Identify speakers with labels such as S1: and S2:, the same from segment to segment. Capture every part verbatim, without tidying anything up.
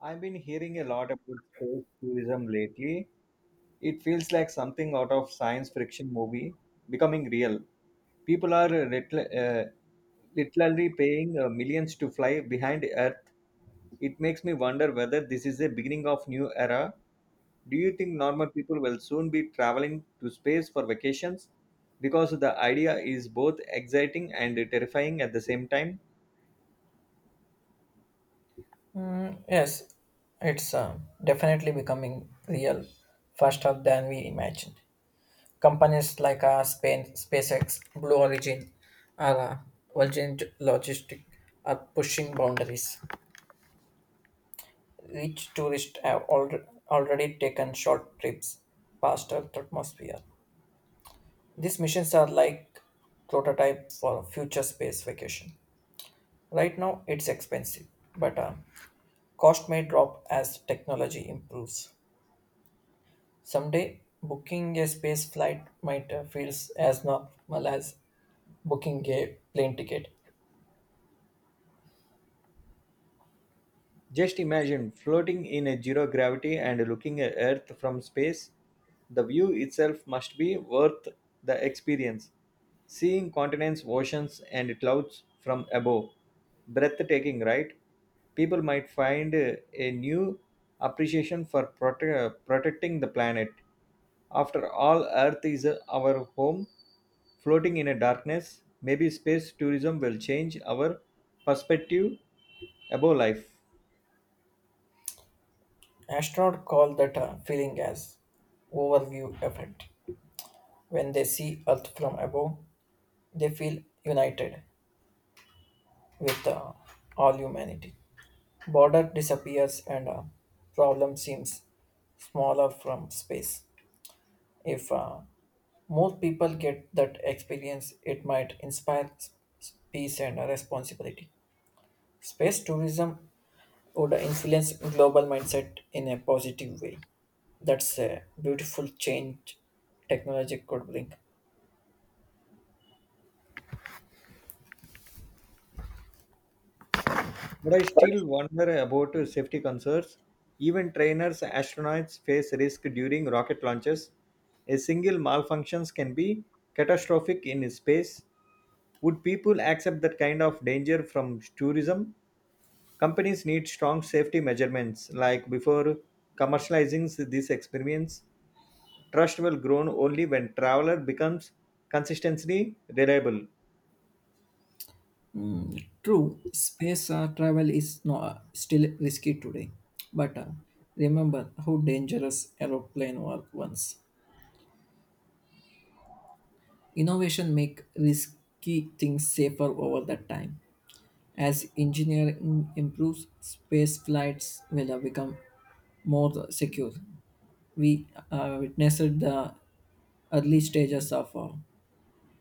S1: I've been hearing a lot about space tourism lately. It feels like something out of science fiction movie becoming real. People are uh, little- uh, literally paying uh, millions to fly behind Earth. It makes me wonder whether this is a beginning of new era. Do you think normal people will soon be traveling to space for vacations? Because the idea is both exciting and terrifying at the same time.
S2: Yes, it's um, definitely becoming real faster than we imagined. Companies like uh, Spain, SpaceX, Blue Origin, or uh, Virgin Logistic are pushing boundaries. Rich tourists have al- already taken short trips past Earth's atmosphere. These missions are like prototype for future space vacation. Right now, it's expensive, but uh, cost may drop as technology improves. Someday, booking a space flight might uh, feel as normal as booking a plane ticket.
S1: Just imagine floating in a zero gravity and looking at Earth from space. The view itself must be worth the experience. Seeing continents, oceans, and clouds from above. Breathtaking, right? People might find uh, a new appreciation for prote- protecting the planet. After all, Earth is uh, our home. Floating in a darkness, maybe space tourism will change our perspective about life.
S2: Astronauts call that uh, feeling as overview effect. When they see Earth from above, they feel united with uh, all humanity. Border disappears and uh, problem seems smaller from space. If uh, more people get that experience, it might inspire s- peace and uh, responsibility. Space tourism would influence global mindset in a positive way. That's a beautiful change technology could bring.
S1: But I still wonder about safety concerns. Even trainers, astronauts face risk during rocket launches. A single malfunction can be catastrophic in space. Would people accept that kind of danger from tourism? Companies need strong safety measurements, like before commercializing this experience. Trust will grow only when traveler becomes consistently reliable.
S2: Mm, true, space uh, travel is no, uh, still risky today, but uh, remember how dangerous aeroplane were once. Innovation make risky things safer over the time. As engineering improves, space flights will uh, become more secure. We uh, witnessed the early stages of uh,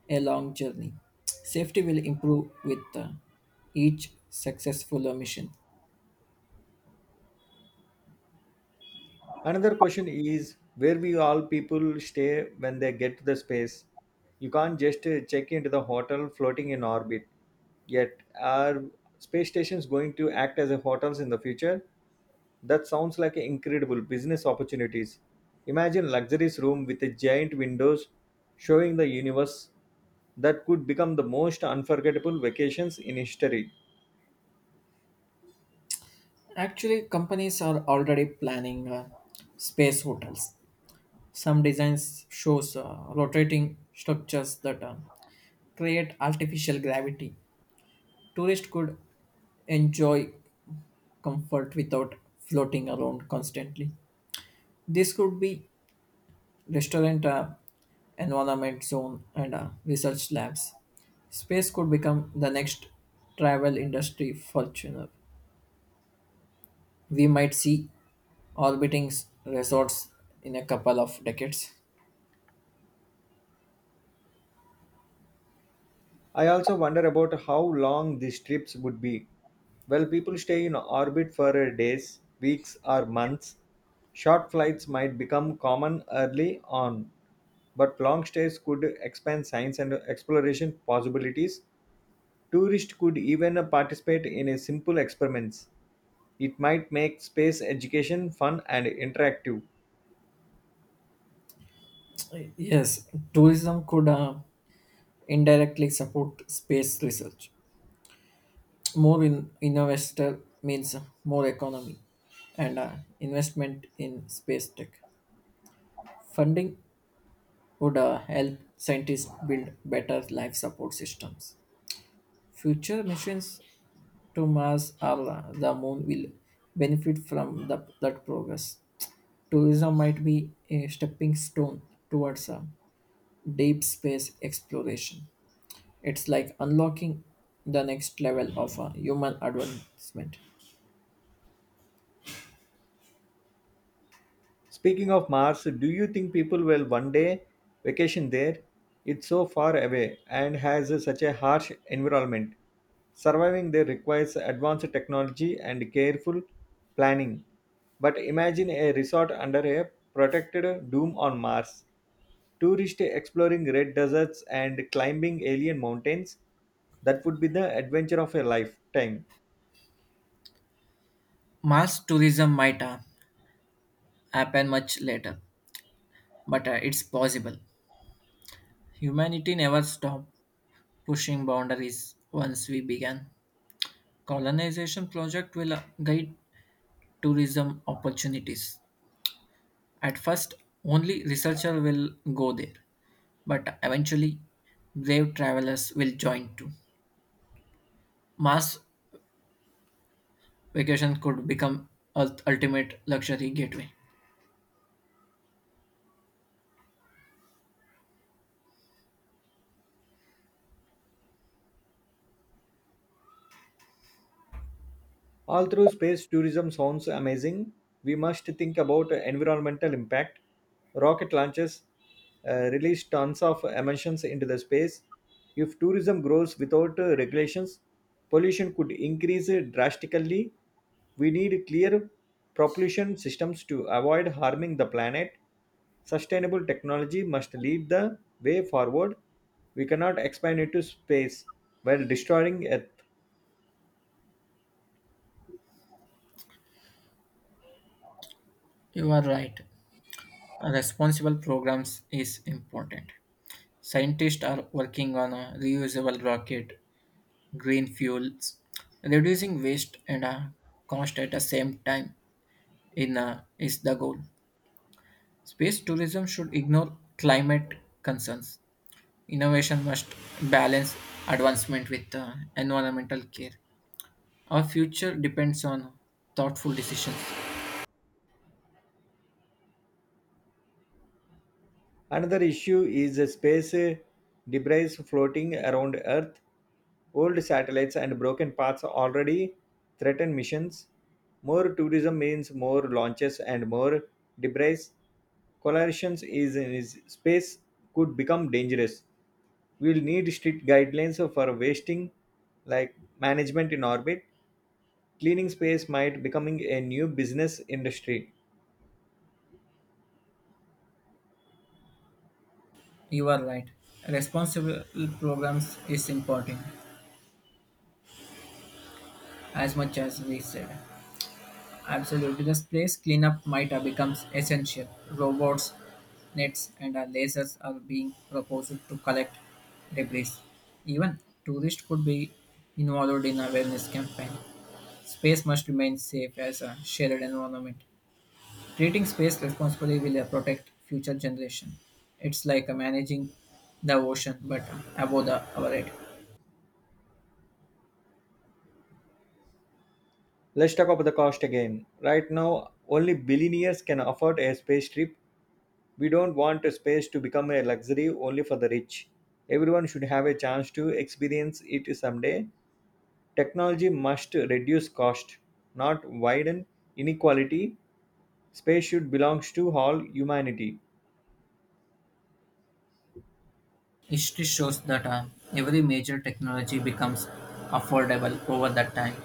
S2: a long journey. Safety will improve with uh, each successful uh, mission.
S1: Another question is where we all people stay when they get to the space. You can't just uh, check into the hotel floating in orbit. Yet, are space stations going to act as a hotels in the future? That sounds like incredible business opportunities. Imagine luxurious room with a giant windows showing the universe that could become the most unforgettable vacations in history.
S2: Actually, companies are already planning uh, space hotels. Some designs shows uh, rotating structures that uh, create artificial gravity. Tourists could enjoy comfort without floating around constantly. This could be restaurant uh, environment zone and uh, research labs. Space could become the next travel industry fortuner. We might see orbiting s- resorts in a couple of decades.
S1: I also wonder about how long these trips would be. Well, people stay in orbit for uh, days, weeks, or months. Short flights might become common early on, but long stays could expand science and exploration possibilities. Tourists could even uh, participate in a simple experiments. It might make space education fun and interactive.
S2: Yes, tourism could uh, indirectly support space research. More in investor means more economy and uh, investment in space tech. Funding would uh, help scientists build better life support systems. Future missions to Mars or uh, the Moon will benefit from the, that progress. Tourism might be a stepping stone towards a deep space exploration. It's like unlocking the next level of uh, human advancement.
S1: Speaking of Mars, do you think people will one day vacation there? It's so far away and has such a harsh environment. Surviving there requires advanced technology and careful planning. But imagine a resort under a protected dome on Mars. Tourists exploring red deserts and climbing alien mountains. That would be the adventure of a lifetime.
S2: Mars tourism might uh, happen much later, but uh, it's possible. Humanity never stopped pushing boundaries once we began. Colonization project will uh, guide tourism opportunities. At first, only researchers will go there, but eventually, brave travelers will join too. Mars vacation could become Earth's ultimate luxury gateway.
S1: All through space tourism sounds amazing, we must think about environmental impact. Rocket launches uh, release tons of emissions into the space. If tourism grows without uh, regulations, pollution could increase drastically. We need clear propulsion systems to avoid harming the planet. Sustainable technology must lead the way forward. We cannot expand into space while destroying Earth.
S2: You are right. Responsible programs is important. Scientists are working on a reusable rocket, green fuels, reducing waste and uh, cost at the same time in uh, is the goal. Space tourism should ignore climate concerns. Innovation must balance advancement with uh, environmental care. Our future depends on thoughtful decisions.
S1: Another issue is the space uh, debris floating around Earth. Old satellites and broken parts already threaten missions. More tourism means more launches and more debris. Collisions is in space could become dangerous. We'll need strict guidelines for wasting, like management in orbit. Cleaning space might becoming a new business industry.
S2: You are right. Responsible programs is important as much as we said. Absolutely. This place cleanup might have becomes essential. Robots, nets, and uh, lasers are being proposed to collect debris. Even tourists could be involved in awareness campaign. Space must remain safe as a shared environment. Treating space responsibly will uh, protect future generations. It's like uh, managing the ocean, but above the our head.
S1: Let's talk about the cost again. Right now, only billionaires can afford a space trip. We don't want a space to become a luxury only for the rich. Everyone should have a chance to experience it someday. Technology must reduce cost, not widen inequality. Space should belong to all humanity.
S2: History shows that uh, every major technology becomes affordable over that time.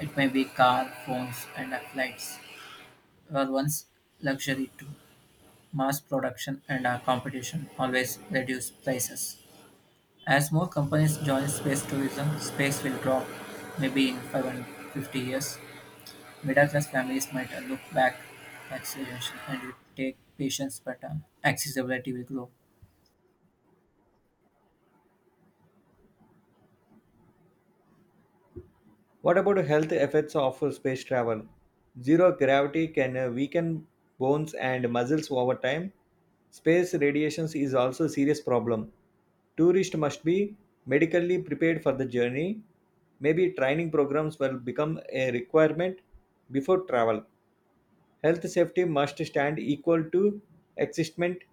S2: It may be car, phones, and uh, flights were once luxury too. Mass production and uh, competition always reduce prices. As more companies join space tourism, space will drop maybe in five hundred fifty years. Middle-class families might uh, look back at suggestions and will take patience, but uh, accessibility will grow.
S1: What about health effects of space travel? Zero gravity can uh, weaken bones and muscles over time. Space radiations is also a serious problem. Tourists must be medically prepared for the journey. Maybe training programs will become a requirement before travel. Health safety must stand equal to existment.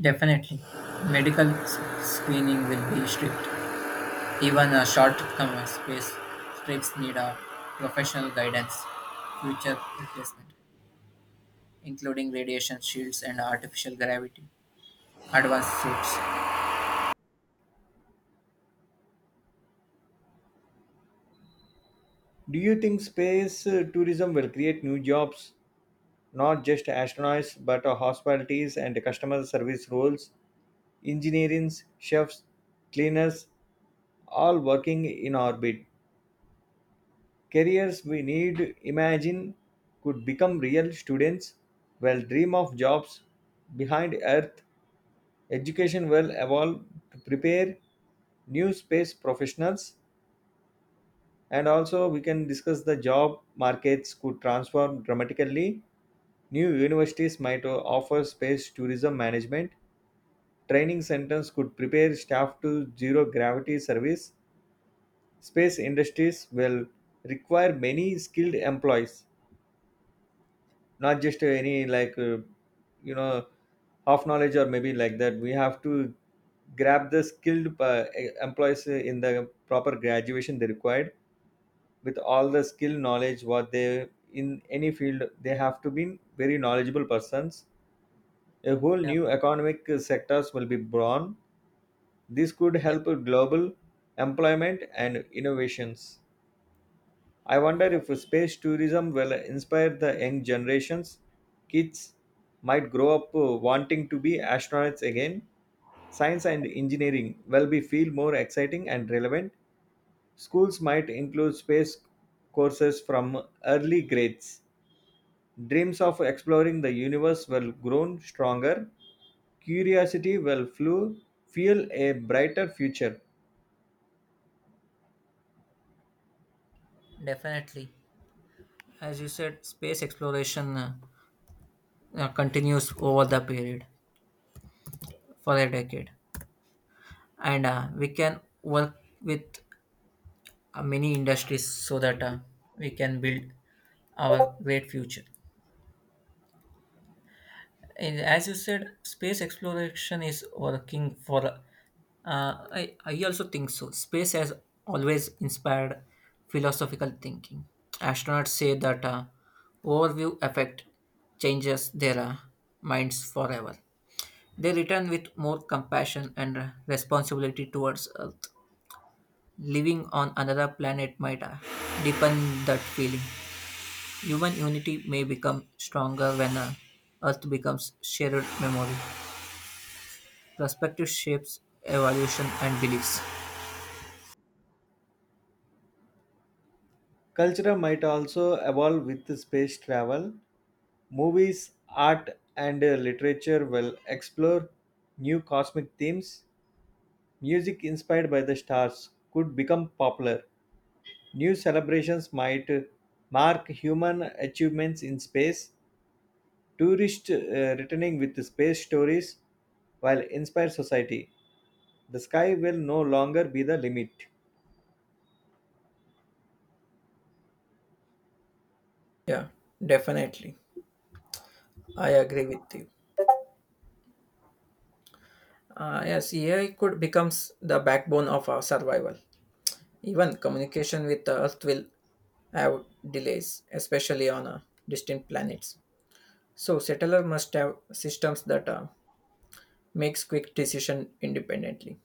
S2: Definitely, medical s- screening will be strict. Even a short term space strips need a professional guidance, future replacement, including radiation shields and artificial gravity, advanced suits.
S1: Do you think space uh, tourism will create new jobs, not just astronauts, but uh, hospitalities and customer service roles? Engineers, chefs, cleaners, all working in orbit. Careers we need imagine could become real students will dream of jobs behind earth. Education will evolve to prepare new space professionals, and also we can discuss the job markets could transform dramatically. New universities might o- offer space tourism management. Training centers could prepare staff to zero gravity service. Space industries will require many skilled employees, not just any, like, uh, you know half knowledge or maybe like that. We have to grab the skilled uh, e, employees in the proper graduation they required with all the skill knowledge what they, in any field, they have to be very knowledgeable persons. A whole
S2: Yeah,
S1: new economic sectors will be born. This could
S2: def-
S1: help global employment and innovations. I wonder if space tourism will inspire the young generations. Kids might grow up uh, wanting to be astronauts again. Science and engineering will be feel more exciting and relevant. Schools might include space courses from early grades. Dreams of exploring the universe will grow stronger. Curiosity will flew, fuel a brighter future.
S2: definitely. As you said, space exploration uh, uh, continues over the period for a decade. And uh, we can work with uh, many industries so that uh, we can build our great future. And as you said, space exploration is working for. Uh, I, I also think so. Space has always inspired philosophical thinking. Astronauts say that uh, overview effect changes their uh, minds forever. They return with more compassion and uh, responsibility towards Earth. Living on another planet might uh, deepen that feeling. Human unity may become stronger when uh, Earth becomes shared memory. Perspective shapes evolution and beliefs.
S1: Culture might also evolve with space travel. Movies, art, and uh, literature will explore new cosmic themes. Music inspired by the stars could become popular. New celebrations might uh, mark human achievements in space. Tourists uh, returning with space stories while inspire society. The sky will no longer be the limit.
S2: Yeah, definitely. I agree with you. Uh, yes, A I could becomes the backbone of our survival. Even communication with the Earth will have delays, especially on uh, distant planets. So settler must have systems that uh, makes quick decision independently.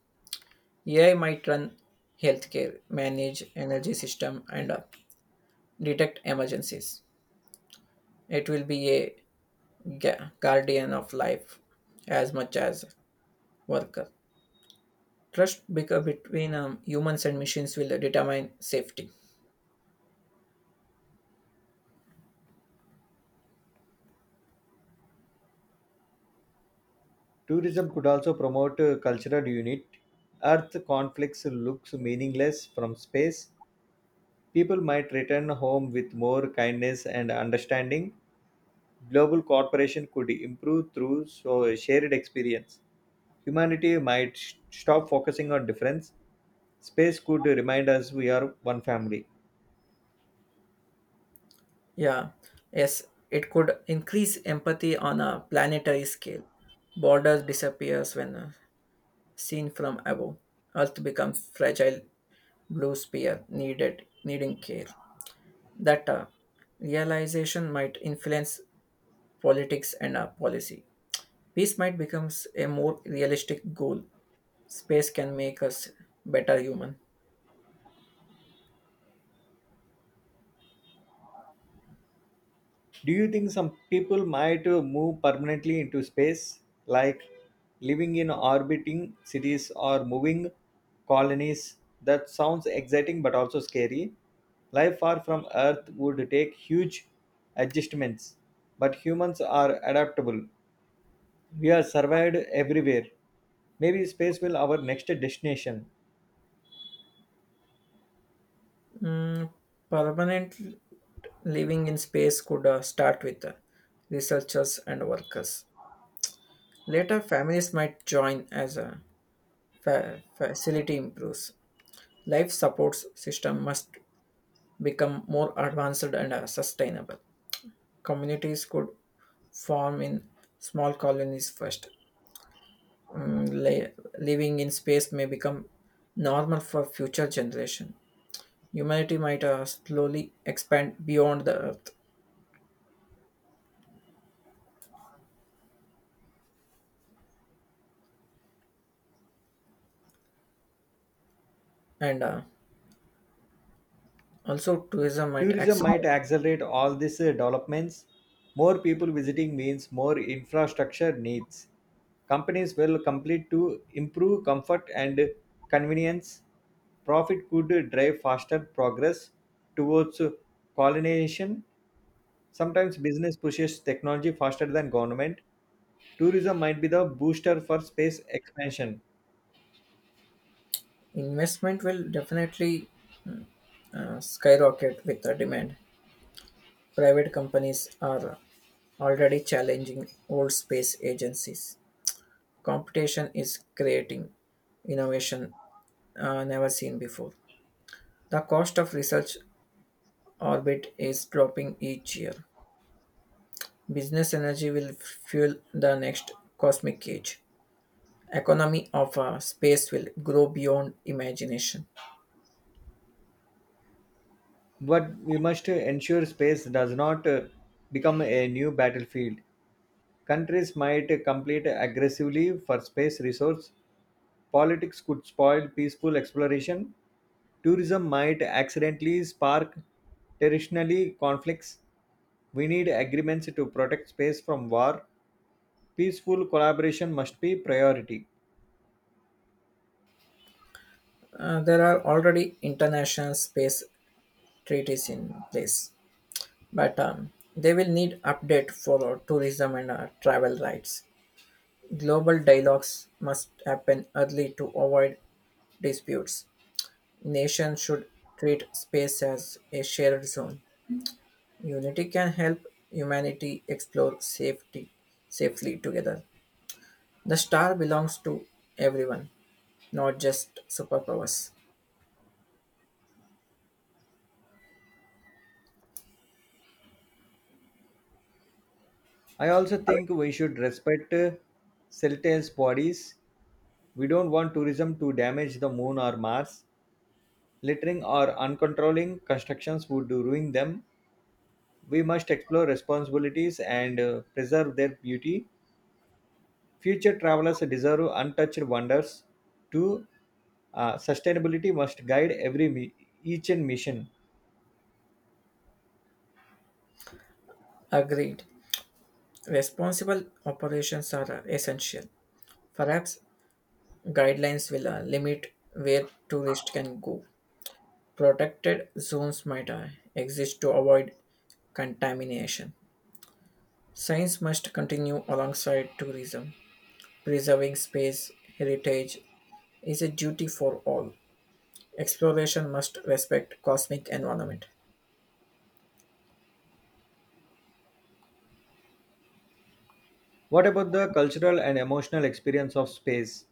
S2: A I might run healthcare, manage energy system, and uh, detect emergencies. It will be a gu- guardian of life as much as worker. Trust beca- between um, humans and machines will determine safety.
S1: Tourism could also promote uh, cultural unity. Earth conflicts looks meaningless from space. People might return home with more kindness and understanding. Global cooperation could improve through so shared experience. Humanity might sh- stop focusing on difference. Space could remind us we are one family.
S2: Yeah, yes, it could increase empathy on a planetary scale. Borders disappears when uh, seen from above. Earth becomes fragile blue sphere needed needing care. That uh, realization might influence politics and uh, policy. Peace might become a more realistic goal. Space can make us better human.
S1: Do you think some people might uh, move permanently into space, like living in orbiting cities or moving colonies? That sounds exciting but also scary. Life far from Earth would take huge adjustments, but humans are adaptable. We are survived everywhere. Maybe space will our next destination.
S2: Mm, permanent living in space could uh, start with uh, researchers and workers. Later, families might join as a fa- facility improves. Life support system must become more advanced and uh, sustainable. Communities could form in small colonies first. Mm, li- living in space may become normal for future generation. Humanity might uh, slowly expand beyond the Earth, and uh, also tourism might
S1: Tourism might
S2: accelerate.
S1: accelerate all these uh, developments. More people visiting means more infrastructure needs. Companies will complete to improve comfort and convenience. Profit could drive faster progress towards colonization. Sometimes business pushes technology faster than government. Tourism might be the booster for space expansion,
S2: Investment will definitely uh, skyrocket with the demand. Private companies are already challenging old space agencies. Competition is creating innovation uh, never seen before. The cost of research orbit is dropping each year. Business energy will fuel the next cosmic age. Economy of uh, space will grow beyond imagination.
S1: but we must ensure space does not uh, become a new battlefield. Countries might compete aggressively for space resources, politics could spoil peaceful exploration, tourism might accidentally spark territorial conflicts. We need agreements to protect space from war. Peaceful collaboration must be priority.
S2: Uh, there are already international space treaties in place, but um, they will need update for our tourism and uh, travel rights. Global dialogues must happen early to avoid disputes. Nations should treat space as a shared zone. Unity can help humanity explore safety safely together. The star belongs to everyone, not just superpowers.
S1: I also think we should respect uh, CELTES bodies. We don't want tourism to damage the moon or Mars. Littering or uncontrolling constructions would ruin them. We must explore responsibilities and uh, preserve their beauty. Future travelers deserve untouched wonders. Two, uh, sustainability must guide every mi- each and mission.
S2: Agreed. Responsible operations are essential. Perhaps guidelines will uh, limit where tourists can go. Protected zones might uh, exist to avoid contamination. Science must continue alongside tourism. Preserving space heritage is a duty for all. Exploration must respect cosmic environment.
S1: What about the cultural and emotional experience of space?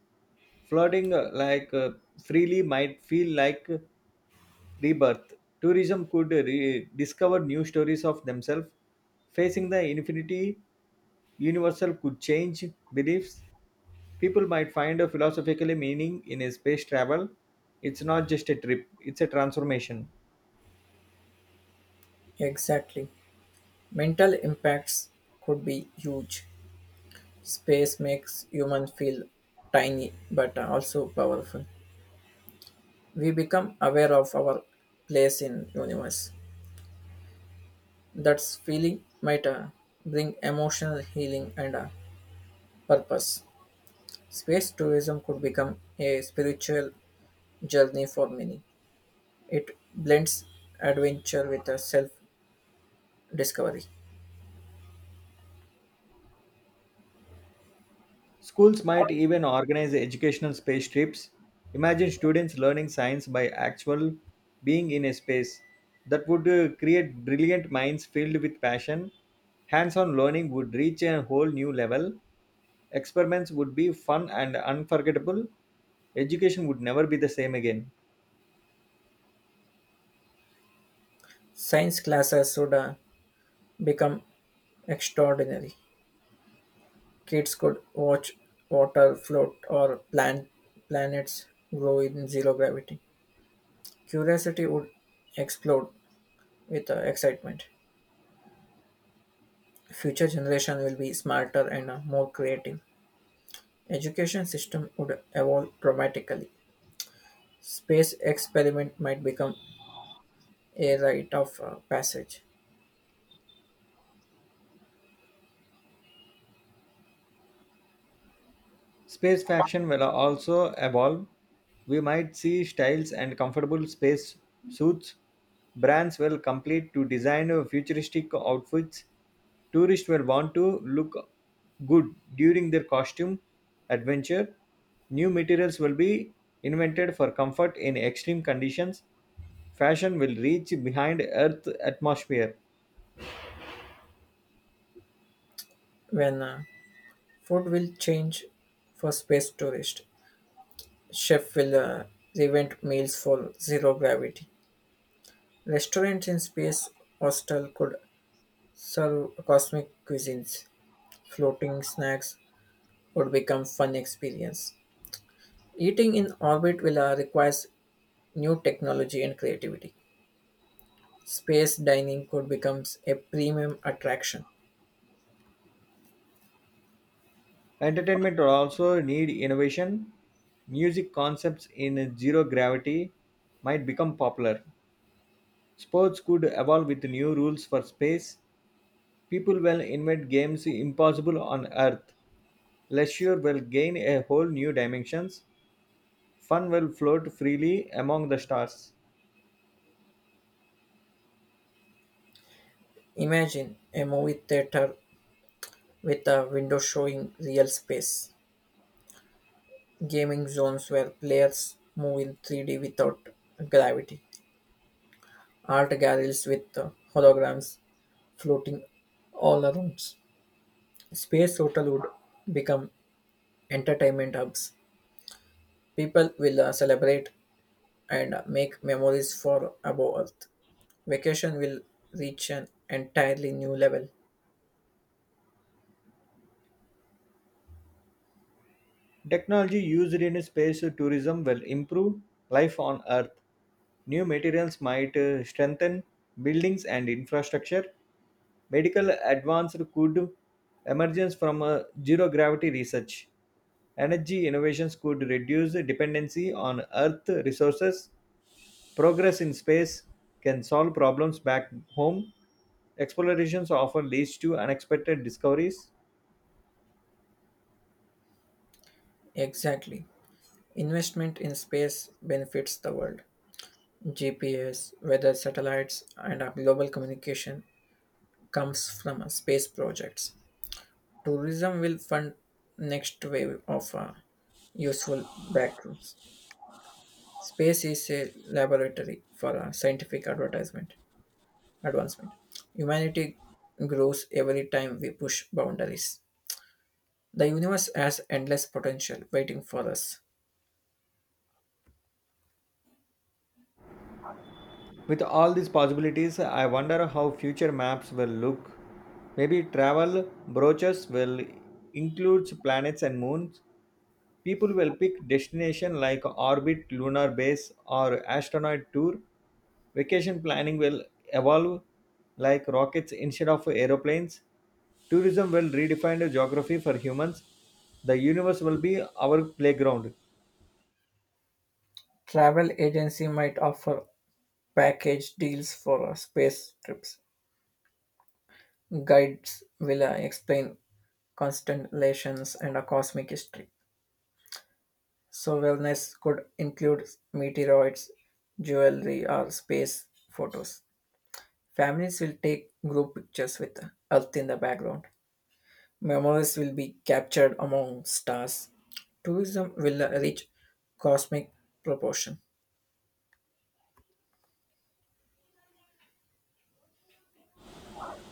S1: Floating uh, like uh, freely might feel like rebirth. Tourism could re- discover new stories of themselves. Facing the infinity, universal could change beliefs. People might find a philosophical meaning in a space travel. It's not just a trip, it's a transformation.
S2: Exactly. Mental impacts could be huge. Space makes human feel tiny but also powerful. We become aware of our place in universe. That feeling might uh, bring emotional healing and uh, purpose. Space tourism could become a spiritual journey for many. It blends adventure with self discovery.
S1: Schools might even organize educational space trips. Imagine students learning science by actual being in a space. That would uh, create brilliant minds filled with passion. Hands on learning would reach a whole new level. Experiments would be fun and unforgettable. Education would never be the same again.
S2: Science classes should uh, become extraordinary. Kids could watch water float or plant planets grow in zero gravity. Curiosity would explode with uh, excitement. Future generation will be smarter and uh, more creative. Education system would evolve dramatically. Space experiment might become a rite of uh, passage.
S1: Space fashion will also evolve. We might see styles and comfortable space suits. Brands will complete to design futuristic outfits. Tourists will want to look good during their costume adventure. New materials will be invented for comfort in extreme conditions. Fashion will reach behind Earth atmosphere.
S2: When uh, food will change for space tourist, chef will uh, reinvent meals for zero gravity. Restaurants in space hostel could serve cosmic cuisines. Floating snacks would become fun experience. Eating in orbit will uh, requires new technology and creativity. Space dining could become a premium attraction.
S1: Entertainment will also need innovation. Music concepts in zero gravity might become popular. Sports could evolve with new rules for space. People will invent games impossible on Earth. Leisure will gain a whole new dimensions. Fun will float freely among the stars.
S2: Imagine a movie theater with a window showing real space, gaming zones where players move in three D without gravity, art galleries with uh, holograms floating all around. Space hotel would become entertainment hubs. People will uh, celebrate and make memories for above Earth. Vacation will reach an entirely new level.
S1: Technology used in space tourism will improve life on Earth. New materials might uh, strengthen buildings and infrastructure. Medical advanced could emerge from a zero gravity research. Energy innovations could reduce dependency on earth resources. Progress in space can solve problems back home. Explorations often leads to unexpected discoveries.
S2: Exactly. Investment in space benefits the world. G P S, weather satellites, and uh, global communication comes from uh, space projects. Tourism will fund next wave of uh, useful breakthroughs. Space is a laboratory for uh, scientific advertisement. Advancement. Humanity grows every time we push boundaries. The universe has endless potential waiting for us.
S1: With all these possibilities, I wonder how future maps will look. Maybe travel brochures will include planets and moons. People will pick destination like orbit, lunar base, or astronaut tour. Vacation planning will evolve like rockets instead of aeroplanes. Tourism will redefine the geography for humans. The universe will be our playground.
S2: Travel agency might offer package deals for uh, space trips. Guides will uh, explain constellations and a cosmic history. So wellness could include meteoroids, jewelry, or space photos. Families will take group pictures with Earth in the background. Memories will be captured among stars. Tourism will reach cosmic proportion.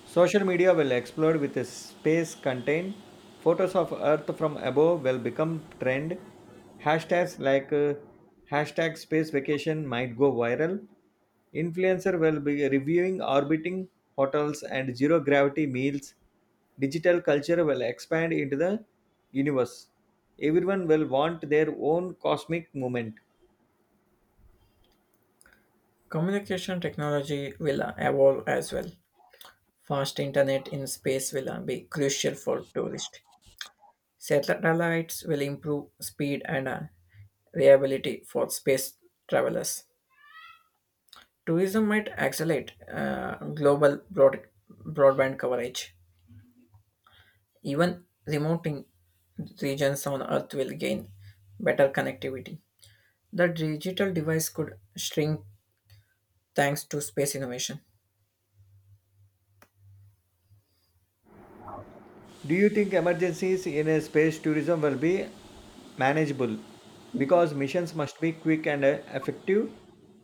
S1: Social media will explode with a space contained. Photos of Earth from above will become trend. Hashtags like uh, hashtag space vacation might go viral. Influencer will be reviewing orbiting hotels and zero gravity meals. Digital culture will expand into the universe. Everyone will want their own cosmic moment.
S2: Communication technology will evolve as well. Fast internet in space will be crucial for tourists. Satellites will improve speed and uh, reliability for space travelers. Tourism might accelerate uh, global broad- broadband coverage. Even remote in- regions on Earth will gain better connectivity. The digital device could shrink thanks to space innovation.
S1: Do you think emergencies in a space tourism will be manageable? Because missions must be quick and uh, effective.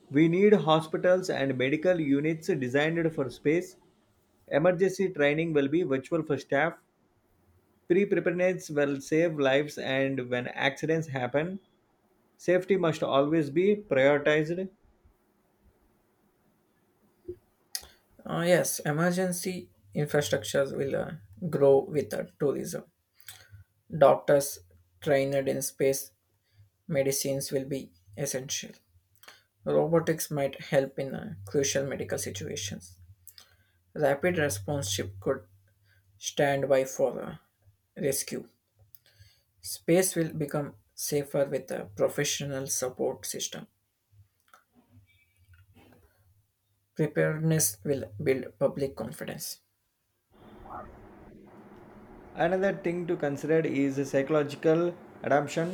S1: We need hospitals and medical units designed for space. Emergency training will be virtual for staff. Pre preparedness will save lives, and when accidents happen, safety must always be prioritized.
S2: Uh, yes, emergency infrastructures will uh, grow with uh, tourism. Doctors trained in space medicines will be essential. Robotics might help in uh, crucial medical situations. Rapid response ship could stand by for uh, rescue. Space will become safer with a professional support system. Preparedness will build public confidence.
S1: Another thing to consider is psychological adaptation.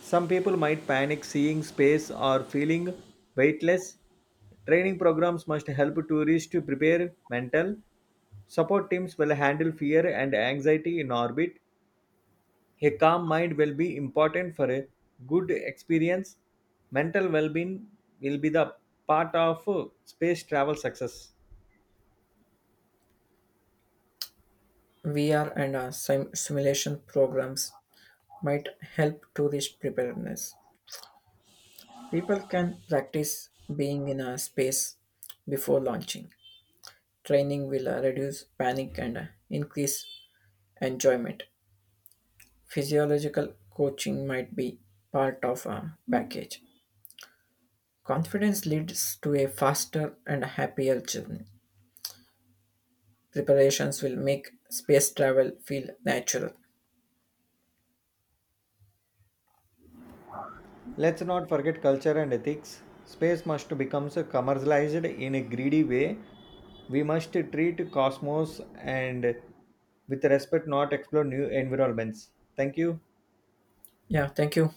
S1: Some people might panic seeing space or feeling weightless. Training programs must help tourists to prepare mental. Support teams will handle fear and anxiety in orbit. A calm mind will be important for a good experience. Mental well being will be the part of uh, space travel success.
S2: V R and uh, sim- simulation programs might help tourist preparedness. People can practice being in a space before launching. Training will uh, reduce panic and uh, increase enjoyment. Physiological coaching might be part of a package. Confidence leads to a faster and happier journey. Preparations will make space travel feel natural.
S1: Let's not forget culture and ethics. Space must become commercialized in a greedy way. We must treat cosmos and with respect, not explore new environments. Thank you.
S2: Yeah, thank you.